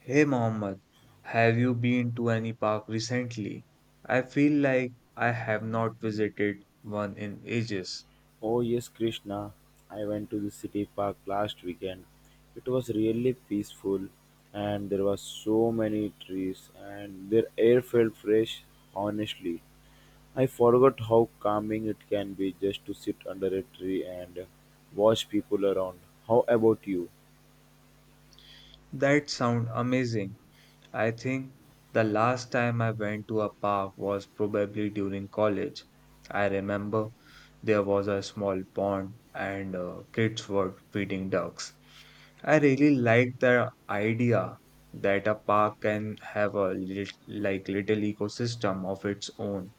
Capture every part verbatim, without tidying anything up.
Hey Mohammed, have you been to any park recently? I feel like I have not visited one in ages. Oh yes, Krishna. I went to the city park last weekend. It was really peaceful and there were so many trees and their air felt fresh, honestly. I forgot how calming it can be just to sit under a tree and watch people around. How about you? That sounds amazing. I think the last time I went to a park was probably during college. I remember there was a small pond and uh, kids were feeding ducks. I really like the idea that a park can have a lit like little ecosystem of its own: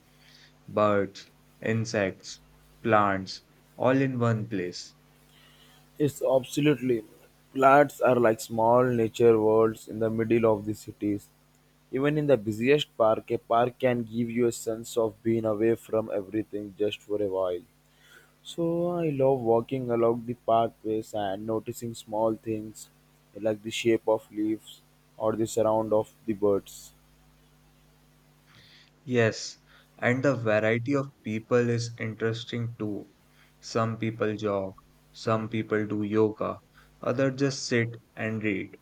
birds, insects, plants, all in one place. It's absolutely. Flats are like small nature worlds in the middle of the cities. Even in the busiest park, a park can give you a sense of being away from everything just for a while. So I love walking along the pathways and noticing small things like the shape of leaves or the sound of the birds. Yes, and the variety of people is interesting too. Some people jog, some people do yoga, others just sit and read.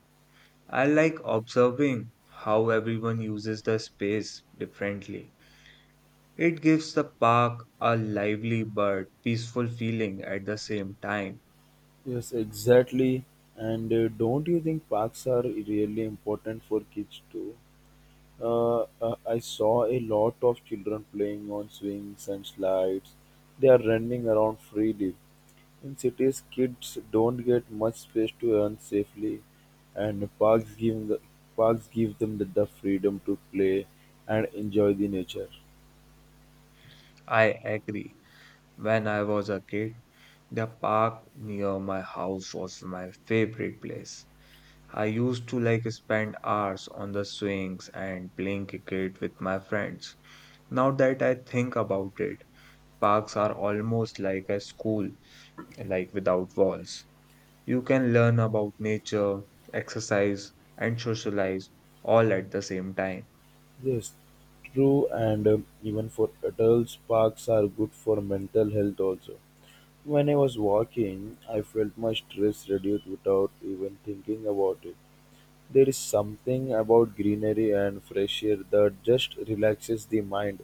I like observing how everyone uses the space differently. It gives the park a lively but peaceful feeling at the same time. Yes, exactly. And uh, don't you think parks are really important for kids too? uh, uh, I saw a lot of children playing on swings and slides. They are running around freely. In cities, kids don't get much space to run safely, and parks give the, parks give them the, the freedom to play and enjoy the nature. I agree. When I was a kid, the park near my house was my favorite place. I used to like spend hours on the swings and playing cricket with my friends. Now that I think about it, parks are almost like a school, like without walls. You can learn about nature, exercise, and socialize all at the same time. Yes, true, and um, even for adults, parks are good for mental health also. When I was walking, I felt my stress reduced without even thinking about it. There is something about greenery and fresh air that just relaxes the mind.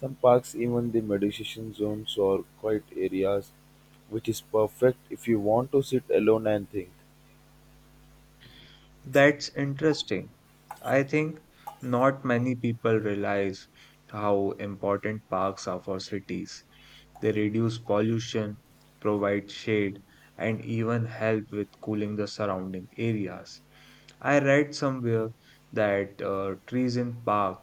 Some parks, even the meditation zones or quiet areas, which is perfect if you want to sit alone and think. That's interesting. I think not many people realize how important parks are for cities. They reduce pollution, provide shade, and even help with cooling the surrounding areas. I read somewhere that uh, trees in park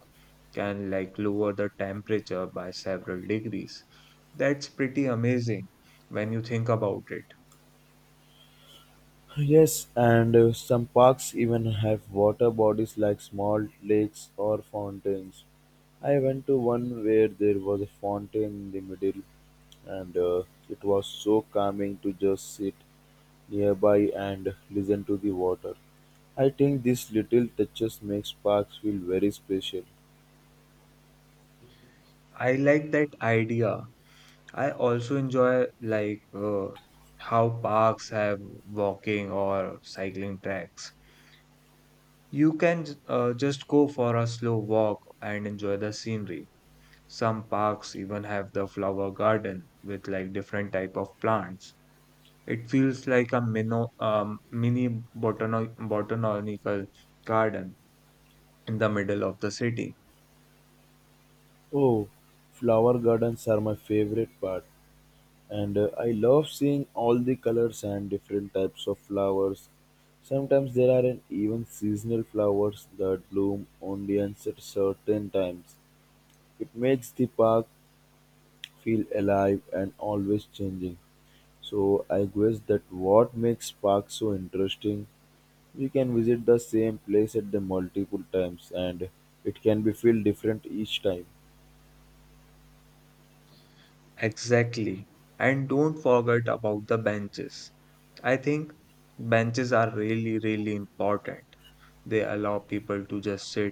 can like lower the temperature by several degrees. That's pretty amazing when you think about it. Yes, and uh, some parks even have water bodies like small lakes or fountains. I went to one where there was a fountain in the middle, and uh, it was so calming to just sit nearby and listen to the water. I think these little touches make parks feel very special. I like that idea. I also enjoy like uh, how parks have walking or cycling tracks. You can j- uh, just go for a slow walk and enjoy the scenery. Some parks even have the flower garden with like different type of plants. It feels like a mino, um, mini botano botanical garden in the middle of the city. Oh, flower gardens are my favorite part, and uh, I love seeing all the colors and different types of flowers. Sometimes there are an even seasonal flowers that bloom only at certain times. It makes the park feel alive and always changing. So I guess that what makes parks so interesting. We can visit the same place at the multiple times and it can be feel different each time. Exactly. And don't forget about the benches. I think benches are really, really important. They allow people to just sit,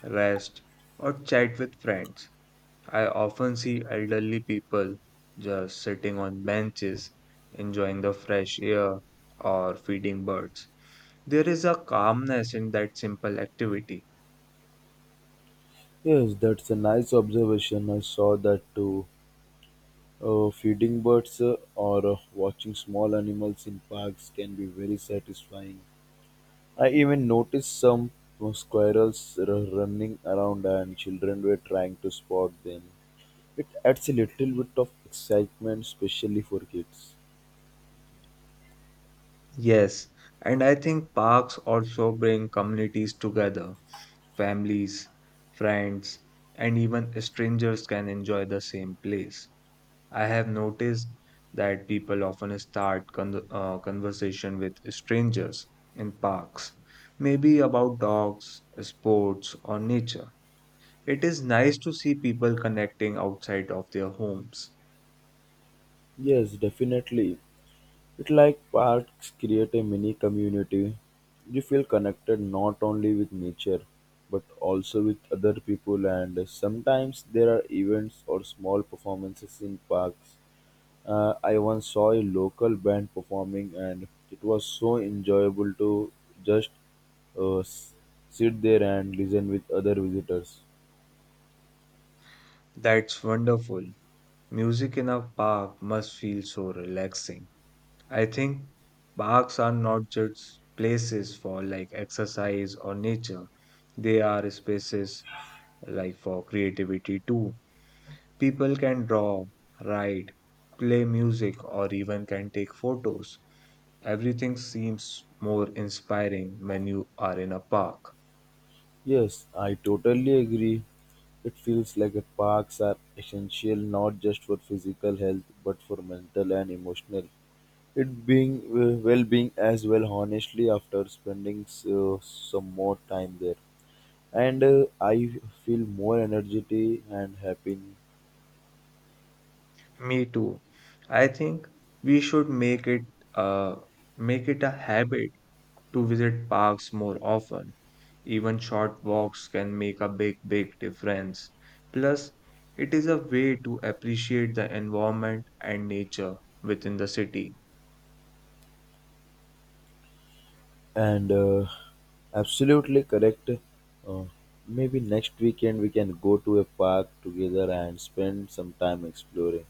rest, or chat with friends. I often see elderly people just sitting on benches, enjoying the fresh air or feeding birds. There is a calmness in that simple activity. Yes, that's a nice observation. I saw that too. Uh, feeding birds uh, or uh, watching small animals in parks can be very satisfying. I even noticed some uh, squirrels r- running around and children were trying to spot them. It adds a little bit of excitement, especially for kids. Yes, and I think parks also bring communities together: families, friends, and even strangers can enjoy the same place. I have noticed that people often start con- uh, conversation with strangers in parks, maybe about dogs, sports, or nature. It is nice to see people connecting outside of their homes. Yes, definitely. It's like parks create a mini community. You feel connected not only with nature but also with other people, and sometimes there are events or small performances in parks. Uh, I once saw a local band performing, and it was so enjoyable to just uh, s- sit there and listen with other visitors. That's wonderful. Music in a park must feel so relaxing. I think parks are not just places for like exercise or nature. They are spaces like for creativity too. People can draw, write, play music, or even can take photos. Everything seems more inspiring when you are in a park. Yes, I totally agree. It feels like a parks are essential not just for physical health but for mental and emotional. It being uh, well-being as well. Honestly, after spending so, some more time there, and uh, I feel more energy and happy. Me too. I think we should make it uh make it a habit to visit parks more often. Even short walks can make a big, big difference. Plus, it is a way to appreciate the environment and nature within the city. And uh, Absolutely correct. Uh, Maybe next weekend we can go to a park together and spend some time exploring.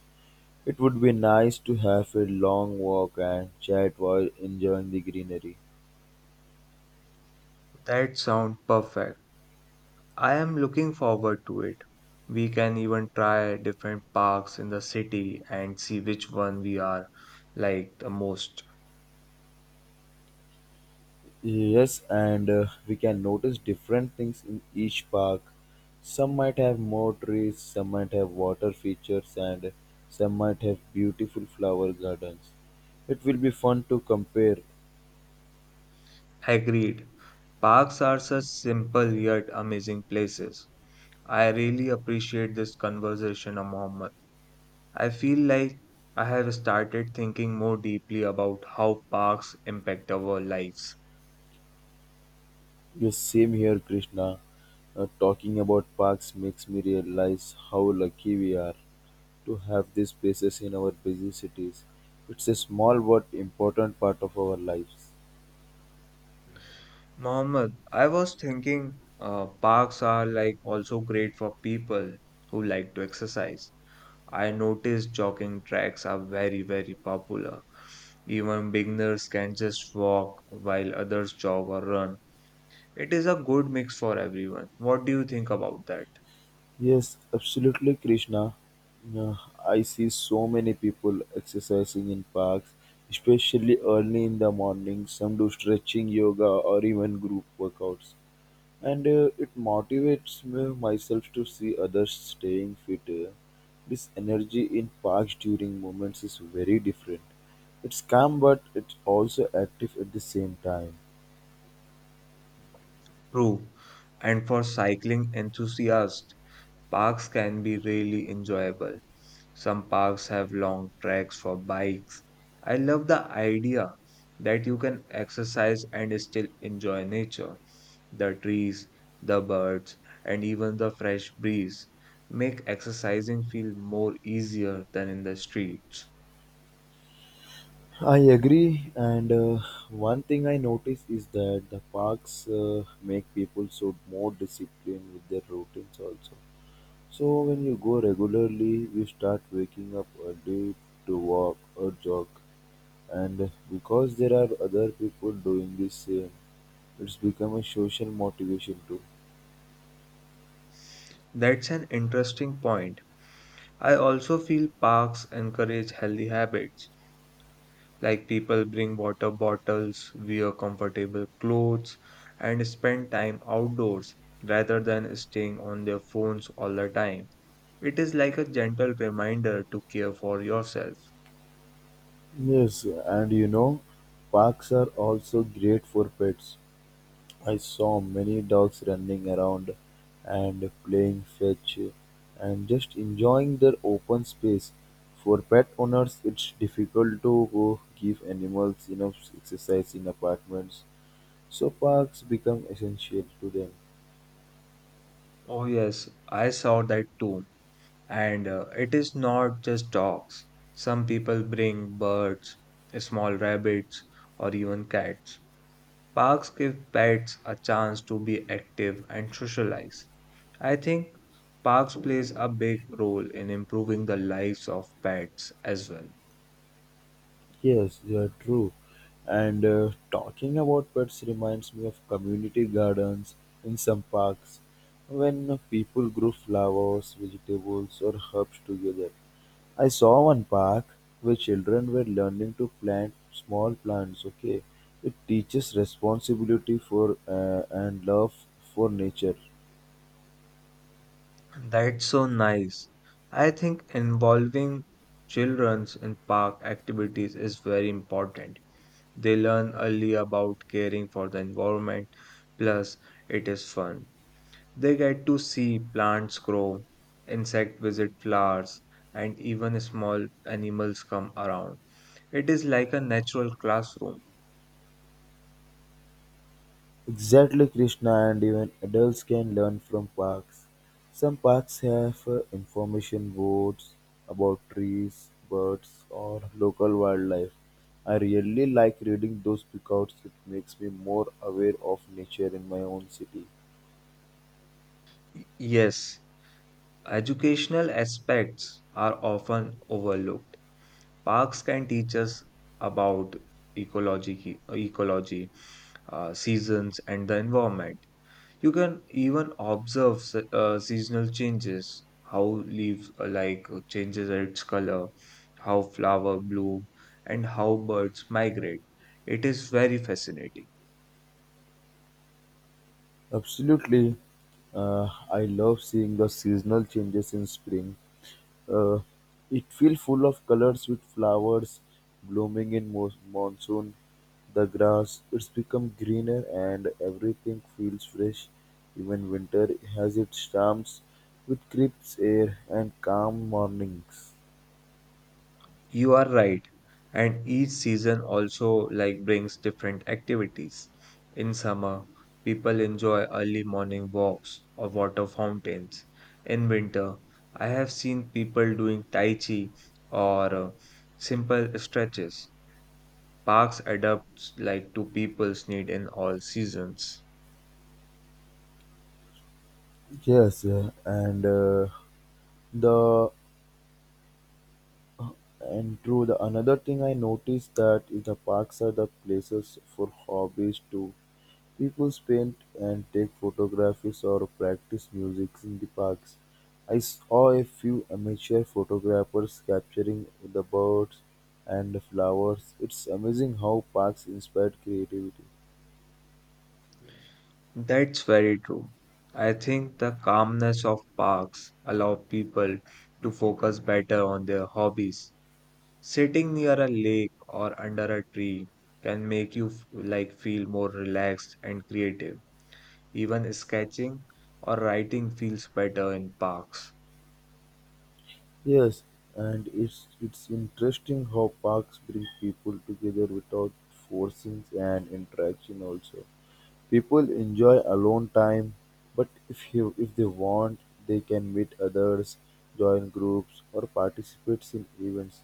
It would be nice to have a long walk and chat while enjoying the greenery. That sounds perfect. I am looking forward to it. We can even try different parks in the city and see which one we are like the most. Yes, and uh, we can notice different things in each park. Some might have more trees, some might have water features, and some might have beautiful flower gardens. It will be fun to compare. Agreed. Parks are such simple yet amazing places. I really appreciate this conversation, Mohammed. I feel like I have started thinking more deeply about how parks impact our lives. Yes, same here, Krishna. Uh, talking about parks makes me realize how lucky we are to have these spaces in our busy cities. It's a small but important part of our lives. Mohammed, I was thinking uh, parks are like also great for people who like to exercise. I noticed jogging tracks are very, very popular. Even beginners can just walk while others jog or run. It is a good mix for everyone. What do you think about that? Yes, absolutely, Krishna. Uh, I see so many people exercising in parks, especially early in the morning. Some do stretching, yoga, or even group workouts, and uh, it motivates me myself to see others staying fit. uh. This energy in parks during moments is very different. It's calm, but it's also active at the same time. True. And for cycling enthusiasts, parks can be really enjoyable. Some parks have long tracks for bikes. I love the idea that you can exercise and still enjoy nature. The trees, the birds, and even the fresh breeze make exercising feel more easier than in the streets. I agree, and uh, one thing I notice is that the parks uh, make people so more disciplined with their routines also. So when you go regularly, you start waking up early to walk or jog. And because there are other people doing the same, it's become a social motivation too. That's an interesting point. I also feel parks encourage healthy habits. Like people bring water bottles, wear comfortable clothes, and spend time outdoors rather than staying on their phones all the time. It is like a gentle reminder to care for yourself. Yes, and you know, parks are also great for pets. I saw many dogs running around and playing fetch and just enjoying their open space. For pet owners, it's difficult to uh, give animals enough exercise in apartments, so parks become essential to them. Oh, yes, I saw that too. And uh, it is not just dogs. Some people bring birds, small rabbits, or even cats. Parks give pets a chance to be active and socialize. I think parks plays a big role in improving the lives of pets as well. Yes, you are true. And uh, talking about pets reminds me of community gardens in some parks when people grow flowers, vegetables, or herbs together. I saw one park where children were learning to plant small plants. Okay, it teaches responsibility for uh, and love for nature. That's so nice. I think involving children in park activities is very important. They learn early about caring for the environment, plus, it is fun. They get to see plants grow, insect visit flowers, and even small animals come around. It is like a natural classroom. Exactly, Krishna, and even adults can learn from parks. Some parks have uh, information boards about trees, birds, or local wildlife. I really like reading those because it makes me more aware of nature in my own city. Y- Yes, educational aspects are often overlooked. Parks can teach us about ecology, ecology, uh, seasons, and the environment. You can even observe se- uh, seasonal changes, how leaf uh, like changes its color, how flower bloom, and how birds migrate. It is very fascinating. Absolutely, uh, I love seeing the seasonal changes in spring. Uh, it feels full of colors with flowers blooming in mo- monsoon. The grass it's become greener and everything feels fresh. Even winter has its charms with crisp air and calm mornings. You are right. And each season also like brings different activities. In summer, people enjoy early morning walks or water fountains. In winter, I have seen people doing tai chi or uh, simple stretches. Parks adapts like to people's need in all seasons. Yes, uh, and uh, the and true. The another thing I noticed that is the parks are the places for hobbies too. People paint and take photographs or practice music in the parks. I saw a few amateur photographers capturing the birds and the flowers. It's amazing how parks inspire creativity. That's very true. I think the calmness of parks allow people to focus better on their hobbies. Sitting near a lake or under a tree can make you f- like feel more relaxed and creative. Even sketching or writing feels better in parks. Yes, and it's it's interesting how parks bring people together without forcing an interaction also. People enjoy alone time, but if you if they want, they can meet others, join groups, or participate in events.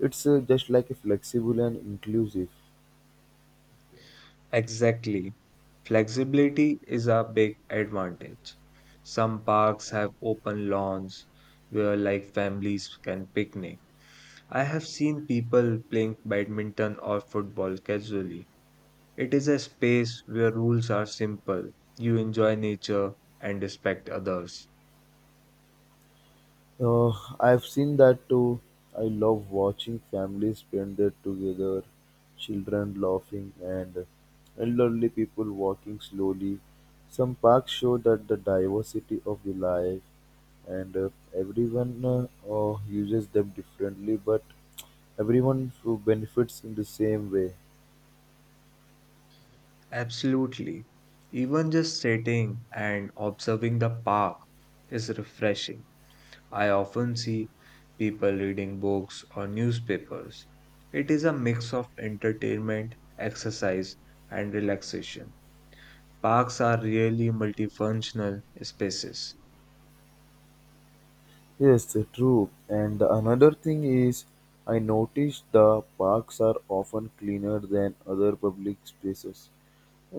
It's uh, just like a flexible and inclusive. Exactly. Flexibility is a big advantage. Some parks have open lawns where like families can picnic. I have seen people playing badminton or football casually. It is a space where rules are simple. You enjoy nature and respect others. Uh, I've seen that too. I love watching families spend their together, children laughing and elderly people walking slowly. Some parks show that the diversity of the life and uh, everyone uh, uh, uses them differently but everyone who benefits in the same way. Absolutely. Even just sitting and observing the park is refreshing. I often see people reading books or newspapers. It is a mix of entertainment, exercise, and relaxation. Parks are really multifunctional spaces. Yes, true. And another thing is, I noticed the parks are often cleaner than other public spaces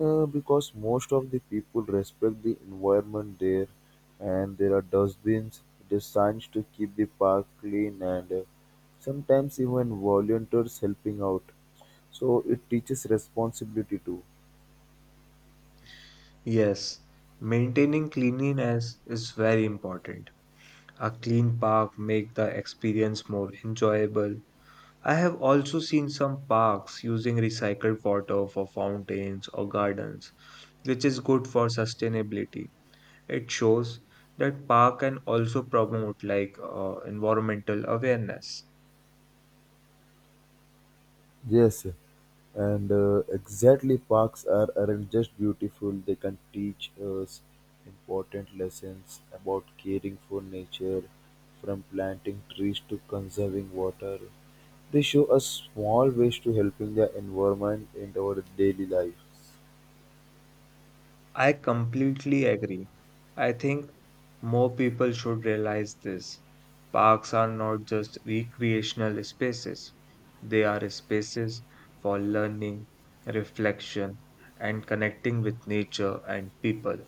uh, because most of the people respect the environment there, and there are dustbins, there's signs to keep the park clean, and uh, sometimes even volunteers helping out. So it teaches responsibility too. Yes, maintaining cleanliness is very important. A clean park makes the experience more enjoyable. I have also seen some parks using recycled water for fountains or gardens, which is good for sustainability. It shows that park can also promote like uh, environmental awareness. Yes, and uh, exactly parks are aren't just beautiful, they can teach us important lessons about caring for nature. From planting trees to conserving water, they show us small ways to helping the environment in our daily lives. I completely agree. I think more people should realize this. Parks are not just recreational spaces. They are spaces for learning, reflection, and connecting with nature and people.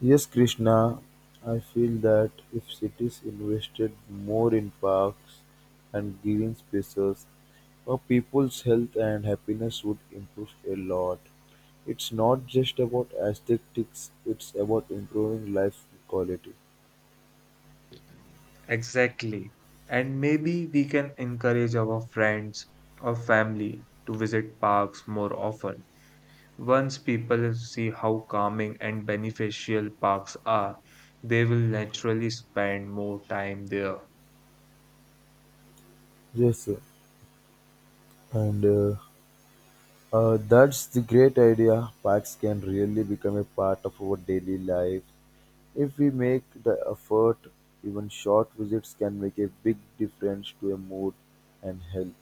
Yes, Krishna, I feel that if cities invested more in parks and green spaces, our people's health and happiness would improve a lot. It's not just about aesthetics, it's about improving life quality. Exactly. And maybe we can encourage our friends or family to visit parks more often. Once people see how calming and beneficial parks are, they will naturally spend more time there. Yes, sir, and uh, uh, that's the great idea. Parks can really become a part of our daily life. If we make the effort, even short visits can make a big difference to a mood and health.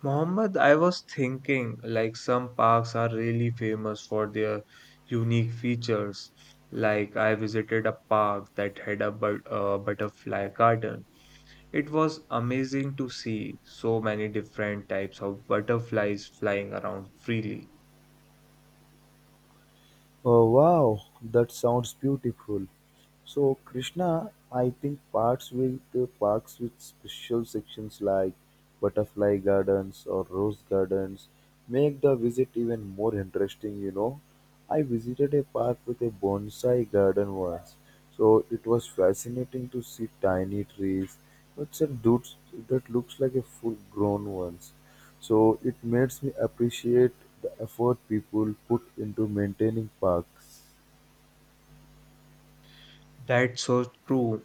Mohammed, I was thinking like some parks are really famous for their unique features. Like I visited a park that had a but, uh, butterfly garden. It was amazing to see so many different types of butterflies flying around freely. Oh wow, that sounds beautiful. So Krishna, I think parks with uh, parks with special sections like butterfly gardens or rose gardens make the visit even more interesting, you know. I visited a park with a bonsai garden once. So it was fascinating to see tiny trees, but some dudes that looks like a full grown ones. So it makes me appreciate the effort people put into maintaining parks. That's so true.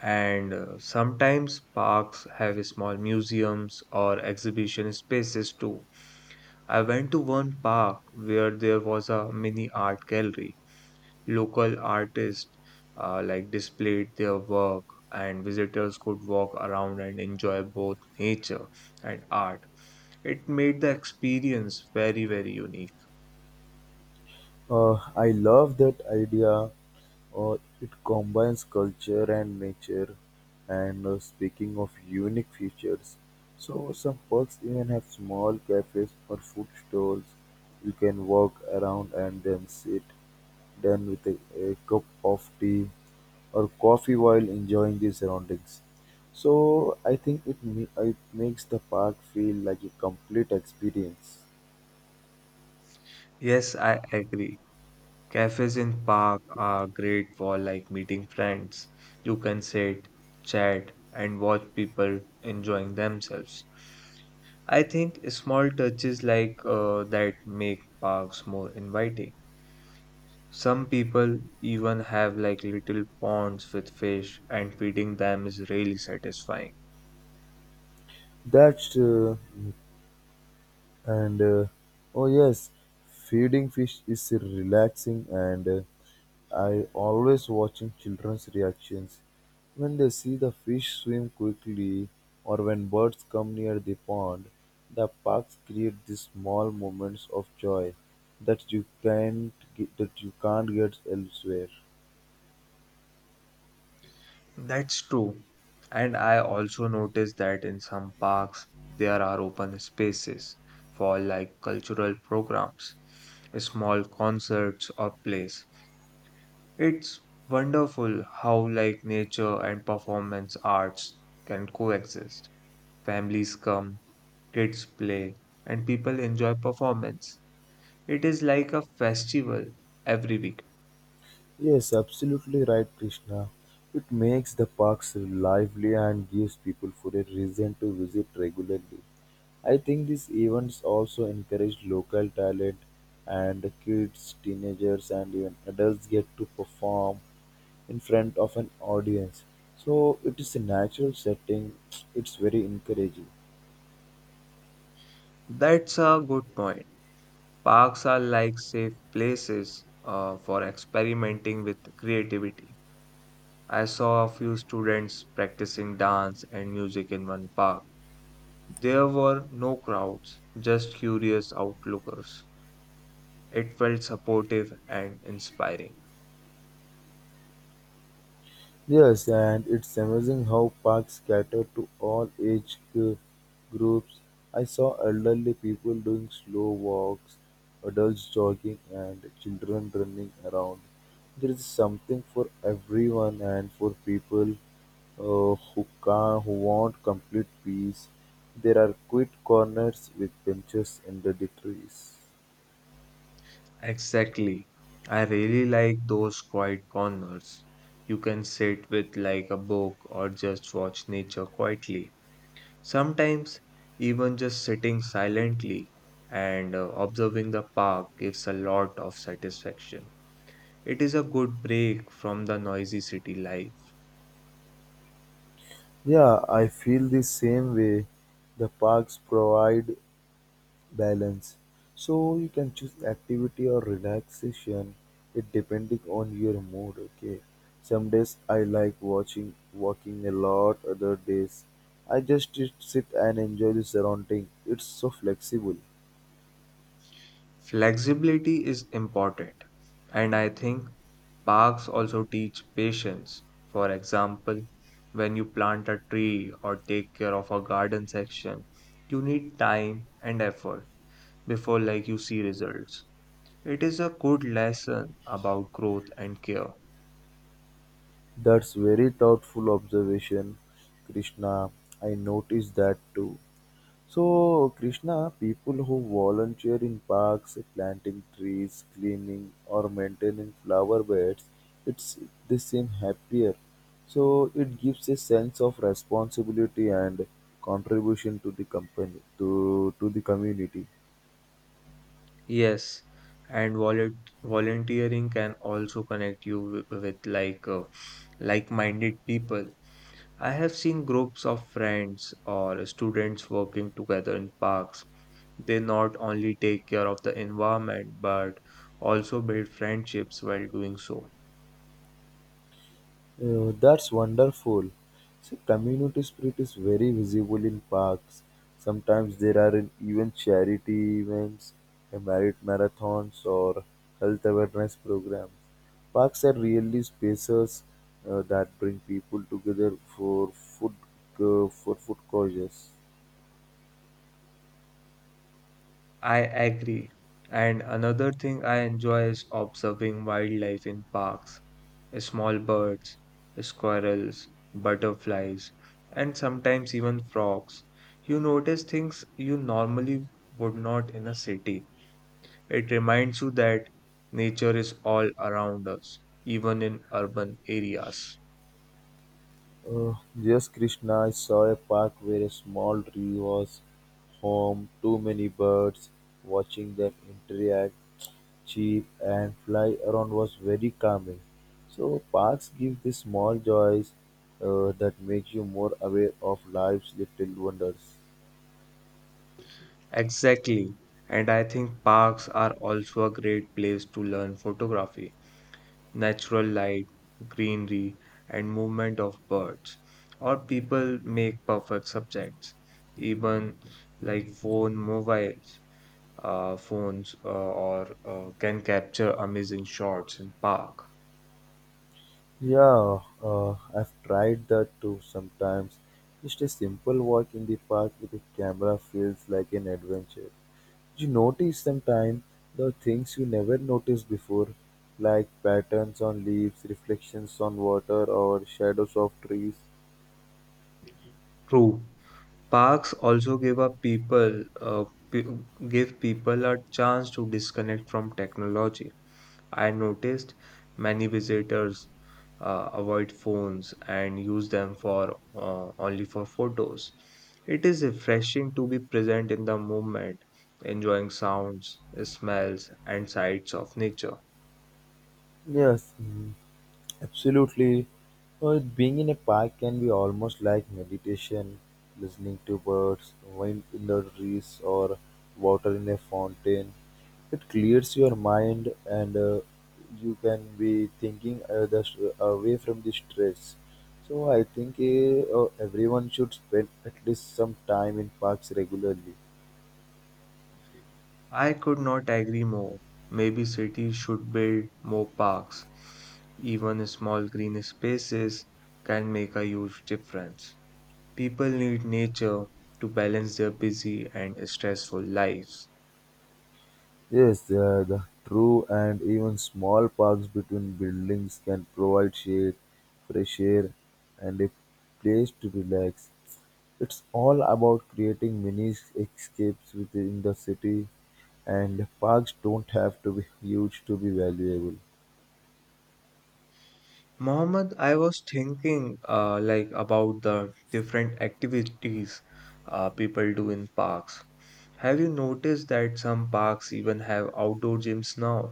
And uh, sometimes parks have small museums or exhibition spaces too. I went to one park where there was a mini art gallery. Local artists uh, like displayed their work, and visitors could walk around and enjoy both nature and art. It made the experience very, very unique. Uh, I love that idea. Uh, it combines culture and nature. And uh, speaking of unique features, so some parks even have small cafes or food stalls. You can walk around and then sit down with a, a cup of tea or coffee while enjoying the surroundings. So I think it ma- it makes the park feel like a complete experience. Yes, I agree. Cafes in park are great for like meeting friends. You can sit, chat, and watch people enjoying themselves. I think small touches like uh, that make parks more inviting. Some people even have like little ponds with fish, and feeding them is really satisfying. That's uh, and uh, Oh yes, feeding fish is relaxing and. Uh, I always watching children's reactions when they see the fish swim quickly or when birds come near the pond. The parks create these small moments of joy that you can't get, that you can't get elsewhere. That's true. And I also noticed that in some parks there are open spaces for like cultural programs, small concerts or plays. It's wonderful how like nature and performance arts can coexist. Families come, kids play, and people enjoy performance. It is like a festival every week. Yes, absolutely right, Krishna. It makes the parks lively and gives people for a reason to visit regularly. I think these events also encourage local talent, and kids, teenagers, and even adults get to perform in front of an audience. So it is a natural setting, it's very encouraging. That's a good point. Parks are like safe places uh, for experimenting with creativity. I saw a few students practicing dance and music in one park. There were no crowds, just curious outlookers. It felt supportive and inspiring. Yes, and it's amazing how parks cater to all age gr- groups. I saw elderly people doing slow walks, adults jogging, and children running around. There is something for everyone and for people uh, who can who want complete peace. There are quiet corners with benches under the trees. Exactly. I really like those quiet corners. You can sit with like a book or just watch nature quietly. Sometimes, even just sitting silently and uh, observing the park gives a lot of satisfaction. It is a good break from the noisy city life. Yeah, I feel the same way. The parks provide balance. So you can choose activity or relaxation it depending on your mood, okay? Some days I like watching walking a lot, other days I just sit sit and enjoy the surrounding. It's so flexible. Flexibility is important, and I think parks also teach patience. For example, when you plant a tree or take care of a garden section, you need time and effort before like you see results. It is a good lesson about growth and care. That's very thoughtful observation, Krishna. I noticed that too. So, Krishna, people who volunteer in parks, planting trees, cleaning, or maintaining flower beds, it's they seem happier. So it gives a sense of responsibility and contribution to the company to to the community. Yes, and volun volunteering can also connect you with, with like uh, like-minded people. I have seen groups of friends or students working together in parks. They not only take care of the environment but also build friendships while doing so. Oh, that's wonderful. See, community spirit is very visible in parks. Sometimes there are in- even charity events, uh, merit marathons, or health awareness programs. Parks are really spaces uh, that bring people together for food uh, for food causes. I agree. And another thing I enjoy is observing wildlife in parks. Small birds, squirrels, butterflies, and sometimes even frogs. You notice things you normally would not in a city. It reminds you that nature is all around us, even in urban areas. Uh, just Krishna, I saw a park where a small tree was home, too many birds watching them interact. Cheap and fly around was very calming. So parks give the small joys uh, that make you more aware of life's little wonders. Exactly. And I think parks are also a great place to learn photography. Natural light, greenery, and movement of birds or people make perfect subjects even like phone mobiles uh, phones uh, or uh, can capture amazing shots in park. Yeah, uh, I've tried that too sometimes. Just a simple walk in the park with a camera feels like an adventure. You notice sometimes the things you never noticed before, like patterns on leaves, reflections on water, or shadows of trees. True, parks also give up people uh, pe- give people a chance to disconnect from technology. I noticed many visitors uh, avoid phones and use them for uh, only for photos. It is refreshing to be present in the moment, enjoying sounds, smells, and sights of nature. Yes, mm, absolutely. Uh, being in a park can be almost like meditation, listening to birds, wind in the trees, or water in a fountain. It clears your mind, and uh, you can be thinking uh, the, st- away from the stress. So I think uh, uh, everyone should spend at least some time in parks regularly. I could not agree more. Maybe cities should build more parks. Even small green spaces can make a huge difference. People need nature to balance their busy and stressful lives. Yes, they are the true, and even small parks between buildings can provide shade, fresh air, and a place to relax. It's all about creating mini escapes within the city, and parks don't have to be huge to be valuable. Mohammed, I was thinking uh, like about the different activities uh, people do in parks. Have you noticed that some parks even have outdoor gyms now?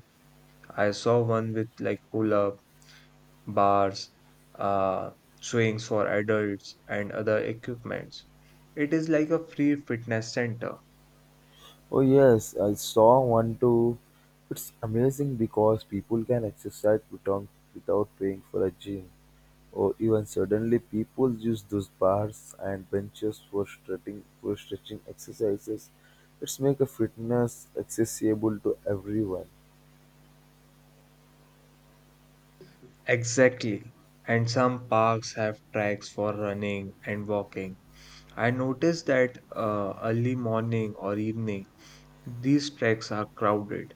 I saw one with like pull-up bars, uh, swings for adults, and other equipments. It is like a free fitness center. Oh, yes, I saw one too. It's amazing because people can exercise without, without paying for a gym. Or even suddenly people use those bars and benches for stretching for stretching exercises. It's make a fitness accessible to everyone. Exactly. And some parks have tracks for running and walking. I noticed that uh, early morning or evening these treks are crowded.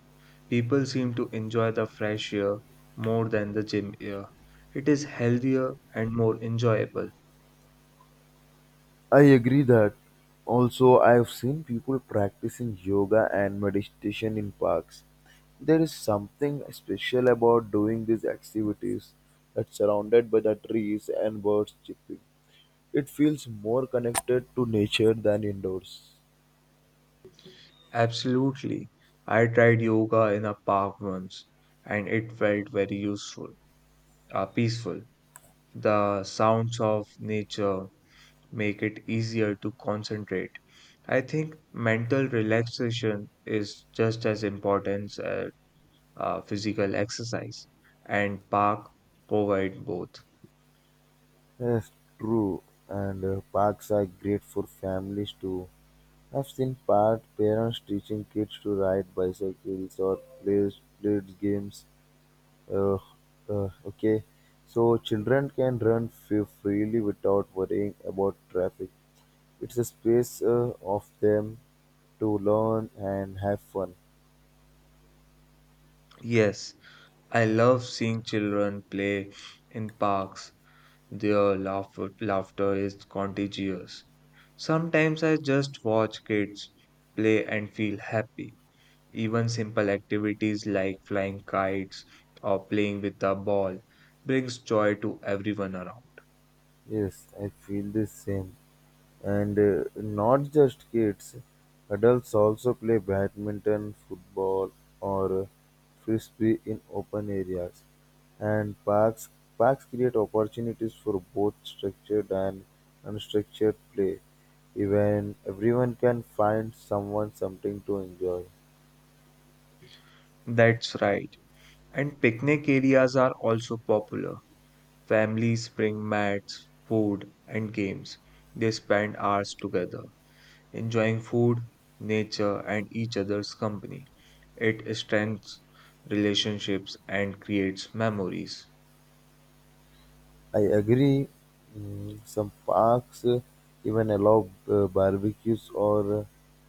People seem to enjoy the fresh air more than the gym air. It is healthier and more enjoyable. I agree that. Also, I've seen people practicing yoga and meditation in parks. There is something special about doing these activities that's surrounded by the trees and birds chirping. It feels more connected to nature than indoors. Absolutely. I tried yoga in a park once and it felt very useful, uh, peaceful. The sounds of nature make it easier to concentrate. I think mental relaxation is just as important as uh, physical exercise, and park provide both. Yes, true. And uh, parks are great for families too. I've seen park parents teaching kids to ride bicycles or play street games. Uh, uh, okay, so children can run f- freely without worrying about traffic. It's a space uh, of them to learn and have fun. Yes, I love seeing children play in parks. Their laughter, laughter is contagious. Sometimes I just watch kids play and feel happy. Even simple activities like flying kites or playing with a ball brings joy to everyone around. Yes, I feel the same. And uh, not just kids, adults also play badminton, football, or uh, frisbee in open areas. And parks parks create opportunities for both structured and unstructured play. Even everyone can find someone something to enjoy. That's right. And picnic areas are also popular. Families bring mats, food, and games. They spend hours together, enjoying food, nature, and each other's company. It strengthens relationships and creates memories. I agree. Mm, some parks uh, even allow uh, barbecues or uh,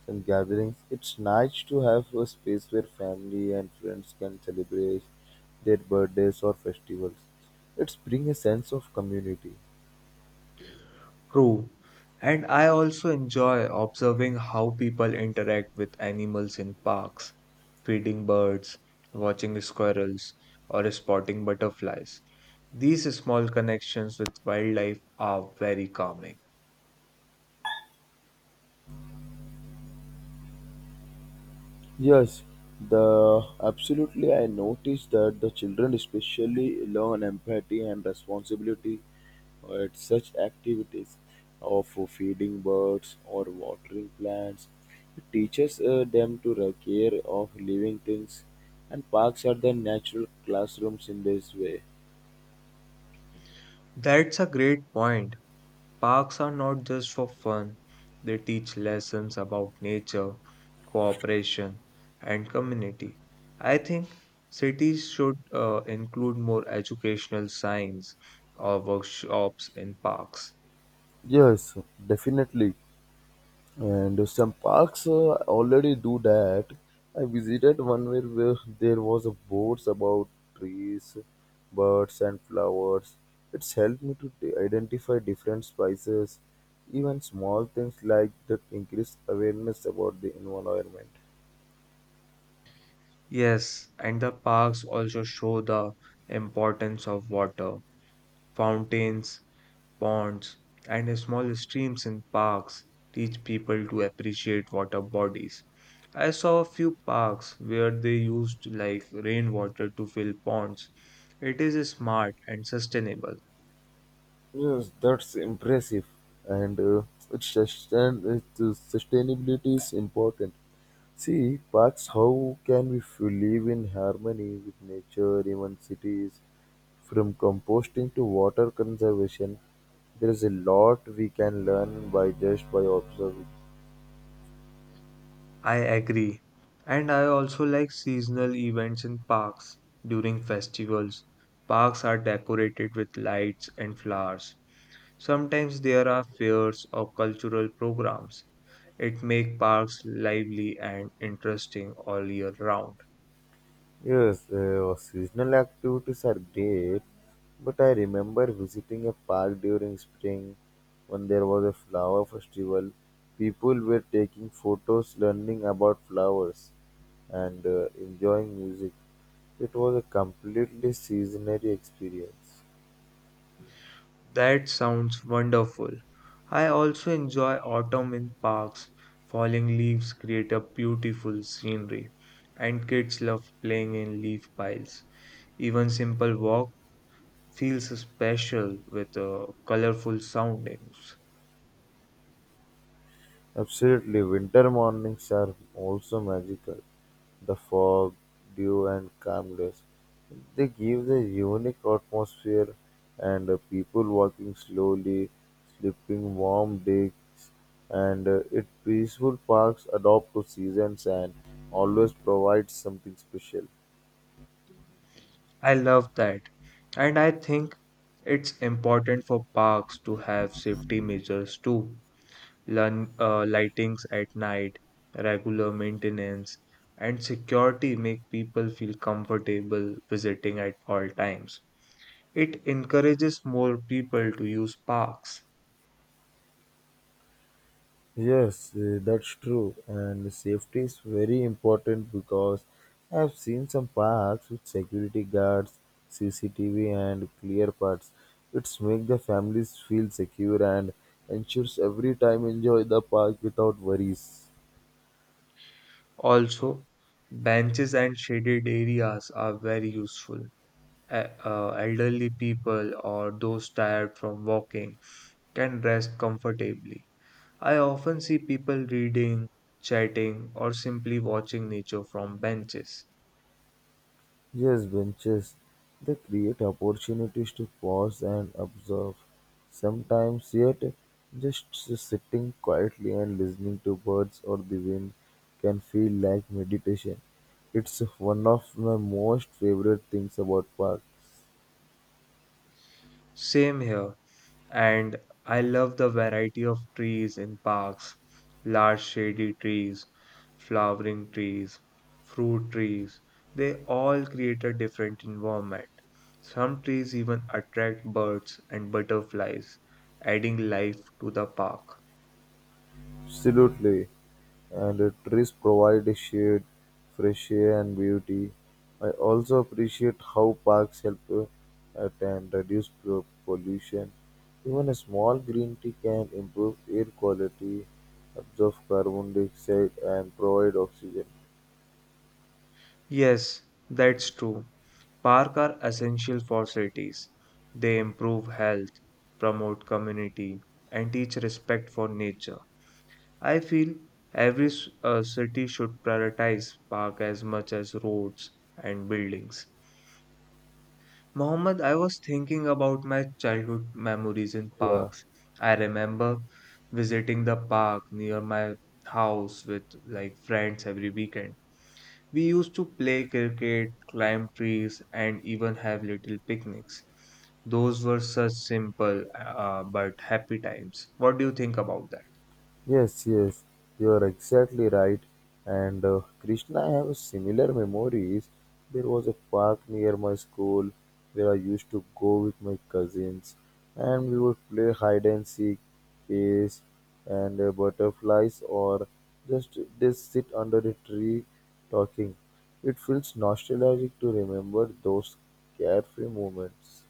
some gatherings. It's nice to have a space where family and friends can celebrate their birthdays or festivals. It brings a sense of community. True. And I also enjoy observing how people interact with animals in parks, feeding birds, watching squirrels, or spotting butterflies. These small connections with wildlife are very calming. Yes, the absolutely. I noticed that the children especially learn empathy and responsibility uh, at such activities of feeding birds or watering plants. It teaches uh, them to take care of living things, and parks are the natural classrooms in this way. That's a great point. Parks are not just for fun, they teach lessons about nature, cooperation, and community. I think cities should uh, include more educational signs or workshops in parks. Yes, definitely. And some parks uh, already do that. I visited one where, where there was a boards about trees, birds, and flowers. It's helped me to t- identify different spices. Even small things like that increase awareness about the environment. Yes, and the parks also show the importance of water. Fountains, ponds, and small streams in parks teach people to appreciate water bodies. I saw a few parks where they used like rainwater to fill ponds. It is smart and sustainable. Yes, that's impressive, and uh, it sustain it, uh, sustainability is important. See, parks, how can we f- live in harmony with nature, even cities? From composting to water conservation, there is a lot we can learn by just by observing. I agree. And I also like seasonal events in parks during festivals. Parks are decorated with lights and flowers. Sometimes there are fairs or cultural programs. It makes parks lively and interesting all year round. Yes, uh, seasonal activities are great, but I remember visiting a park during spring when there was a flower festival. People were taking photos, learning about flowers, and uh, enjoying music. It was a completely seasonary experience. That sounds wonderful. I also enjoy autumn in parks. Falling leaves create a beautiful scenery, and kids love playing in leaf piles. Even simple walk feels special with uh, colorful soundings. Absolutely, winter mornings are also magical. The fog, dew, and calmness. They give the unique atmosphere, and uh, people walking slowly, slipping warm digs, and uh, it peaceful parks adopt to seasons and always provides something special. I love that. And I think it's important for parks to have safety measures too. Lun- uh, lightings at night, regular maintenance, and security make people feel comfortable visiting at all times. It encourages more people to use parks. Yes, uh, that's true. And safety is very important because I've seen some parks with security guards, C C T V, and clear paths. It's make the families feel secure and ensures every time enjoy the park without worries. Also, benches and shaded areas are very useful. E- uh, elderly people or those tired from walking can rest comfortably. I often see people reading, chatting, or simply watching nature from benches. Yes, benches. They create opportunities to pause and observe. Sometimes, yet, just s- sitting quietly and listening to birds or the wind can feel like meditation. It's one of my most favorite things about park. Same here. And I love the variety of trees in parks, large shady trees, flowering trees, fruit trees. They all create a different environment. Some trees even attract birds and butterflies, adding life to the park. Absolutely. And the trees provide shade, fresh air, and beauty. I also appreciate how parks help uh, at and reduce pro- pollution. Even a small green tea can improve air quality, absorb carbon dioxide, and provide oxygen. Yes, that's true. Parks are essential for cities. They improve health, promote community, and teach respect for nature. I feel every s- uh, city should prioritize park as much as roads and buildings. Mohammed, I was thinking about my childhood memories in Yeah. parks. I remember visiting the park near my house with like friends every weekend. We used to play cricket, climb trees, and even have little picnics. Those were such simple uh, but happy times. What do you think about that? Yes, yes, you are exactly right. And uh, Krishna, I have similar memories. There was a park near my school where I used to go with my cousins, and we would play hide and seek, chase, and uh, butterflies, or just just sit under a tree talking. It feels nostalgic to remember those carefree moments.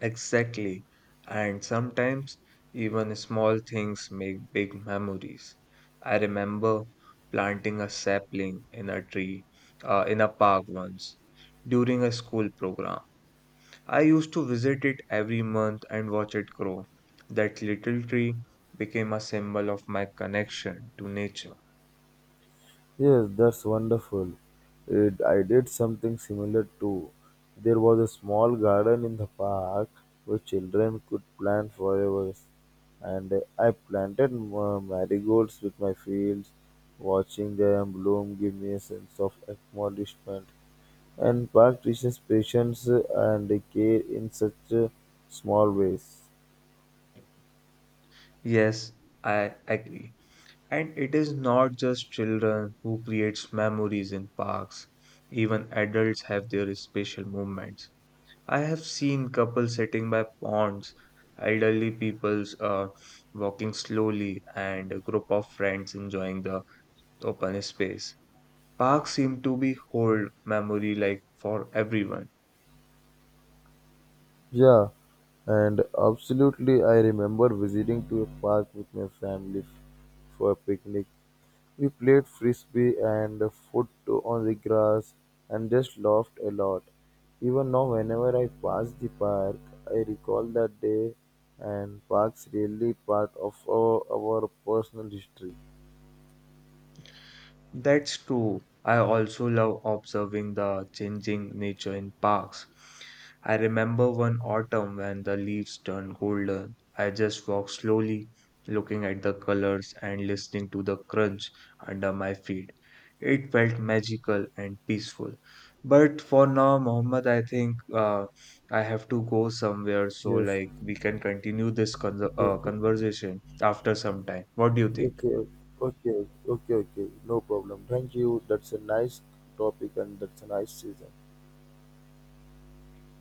Exactly. And sometimes even small things make big memories. I remember planting a sapling in a tree uh, in a park once during a school program. I used to visit it every month and watch it grow. That little tree became a symbol of my connection to nature. Yes, that's wonderful. It, I did something similar too. There was a small garden in the park where children could plant flowers, and uh, I planted uh, marigolds with my fields. Watching them bloom gave me a sense of accomplishment. And park teaches patience and care in such uh, small ways. Yes, I agree. And it is not just children who creates memories in parks. Even adults have their special moments. I have seen couples sitting by ponds, elderly peoples uh, walking slowly, and a group of friends enjoying the open space. Parks seem to be hold memory like for everyone. Yeah, and absolutely, I remember visiting to a park with my family for a picnic. We played frisbee and foot on the grass and just laughed a lot. Even now, whenever I pass the park, I recall that day, and parks really part of our, our personal history. That's true. I also love observing the changing nature in parks. I remember one autumn when the leaves turned golden. I just walked slowly, looking at the colors and listening to the crunch under my feet. It felt magical and peaceful. But for now, Mohammed, I think uh, I have to go somewhere so Yes. like we can continue this con uh, Okay. conversation after some time. What do you Okay. think? Okay. Okay. Okay. Okay. No problem. Thank you. That's a nice topic, and that's a nice season.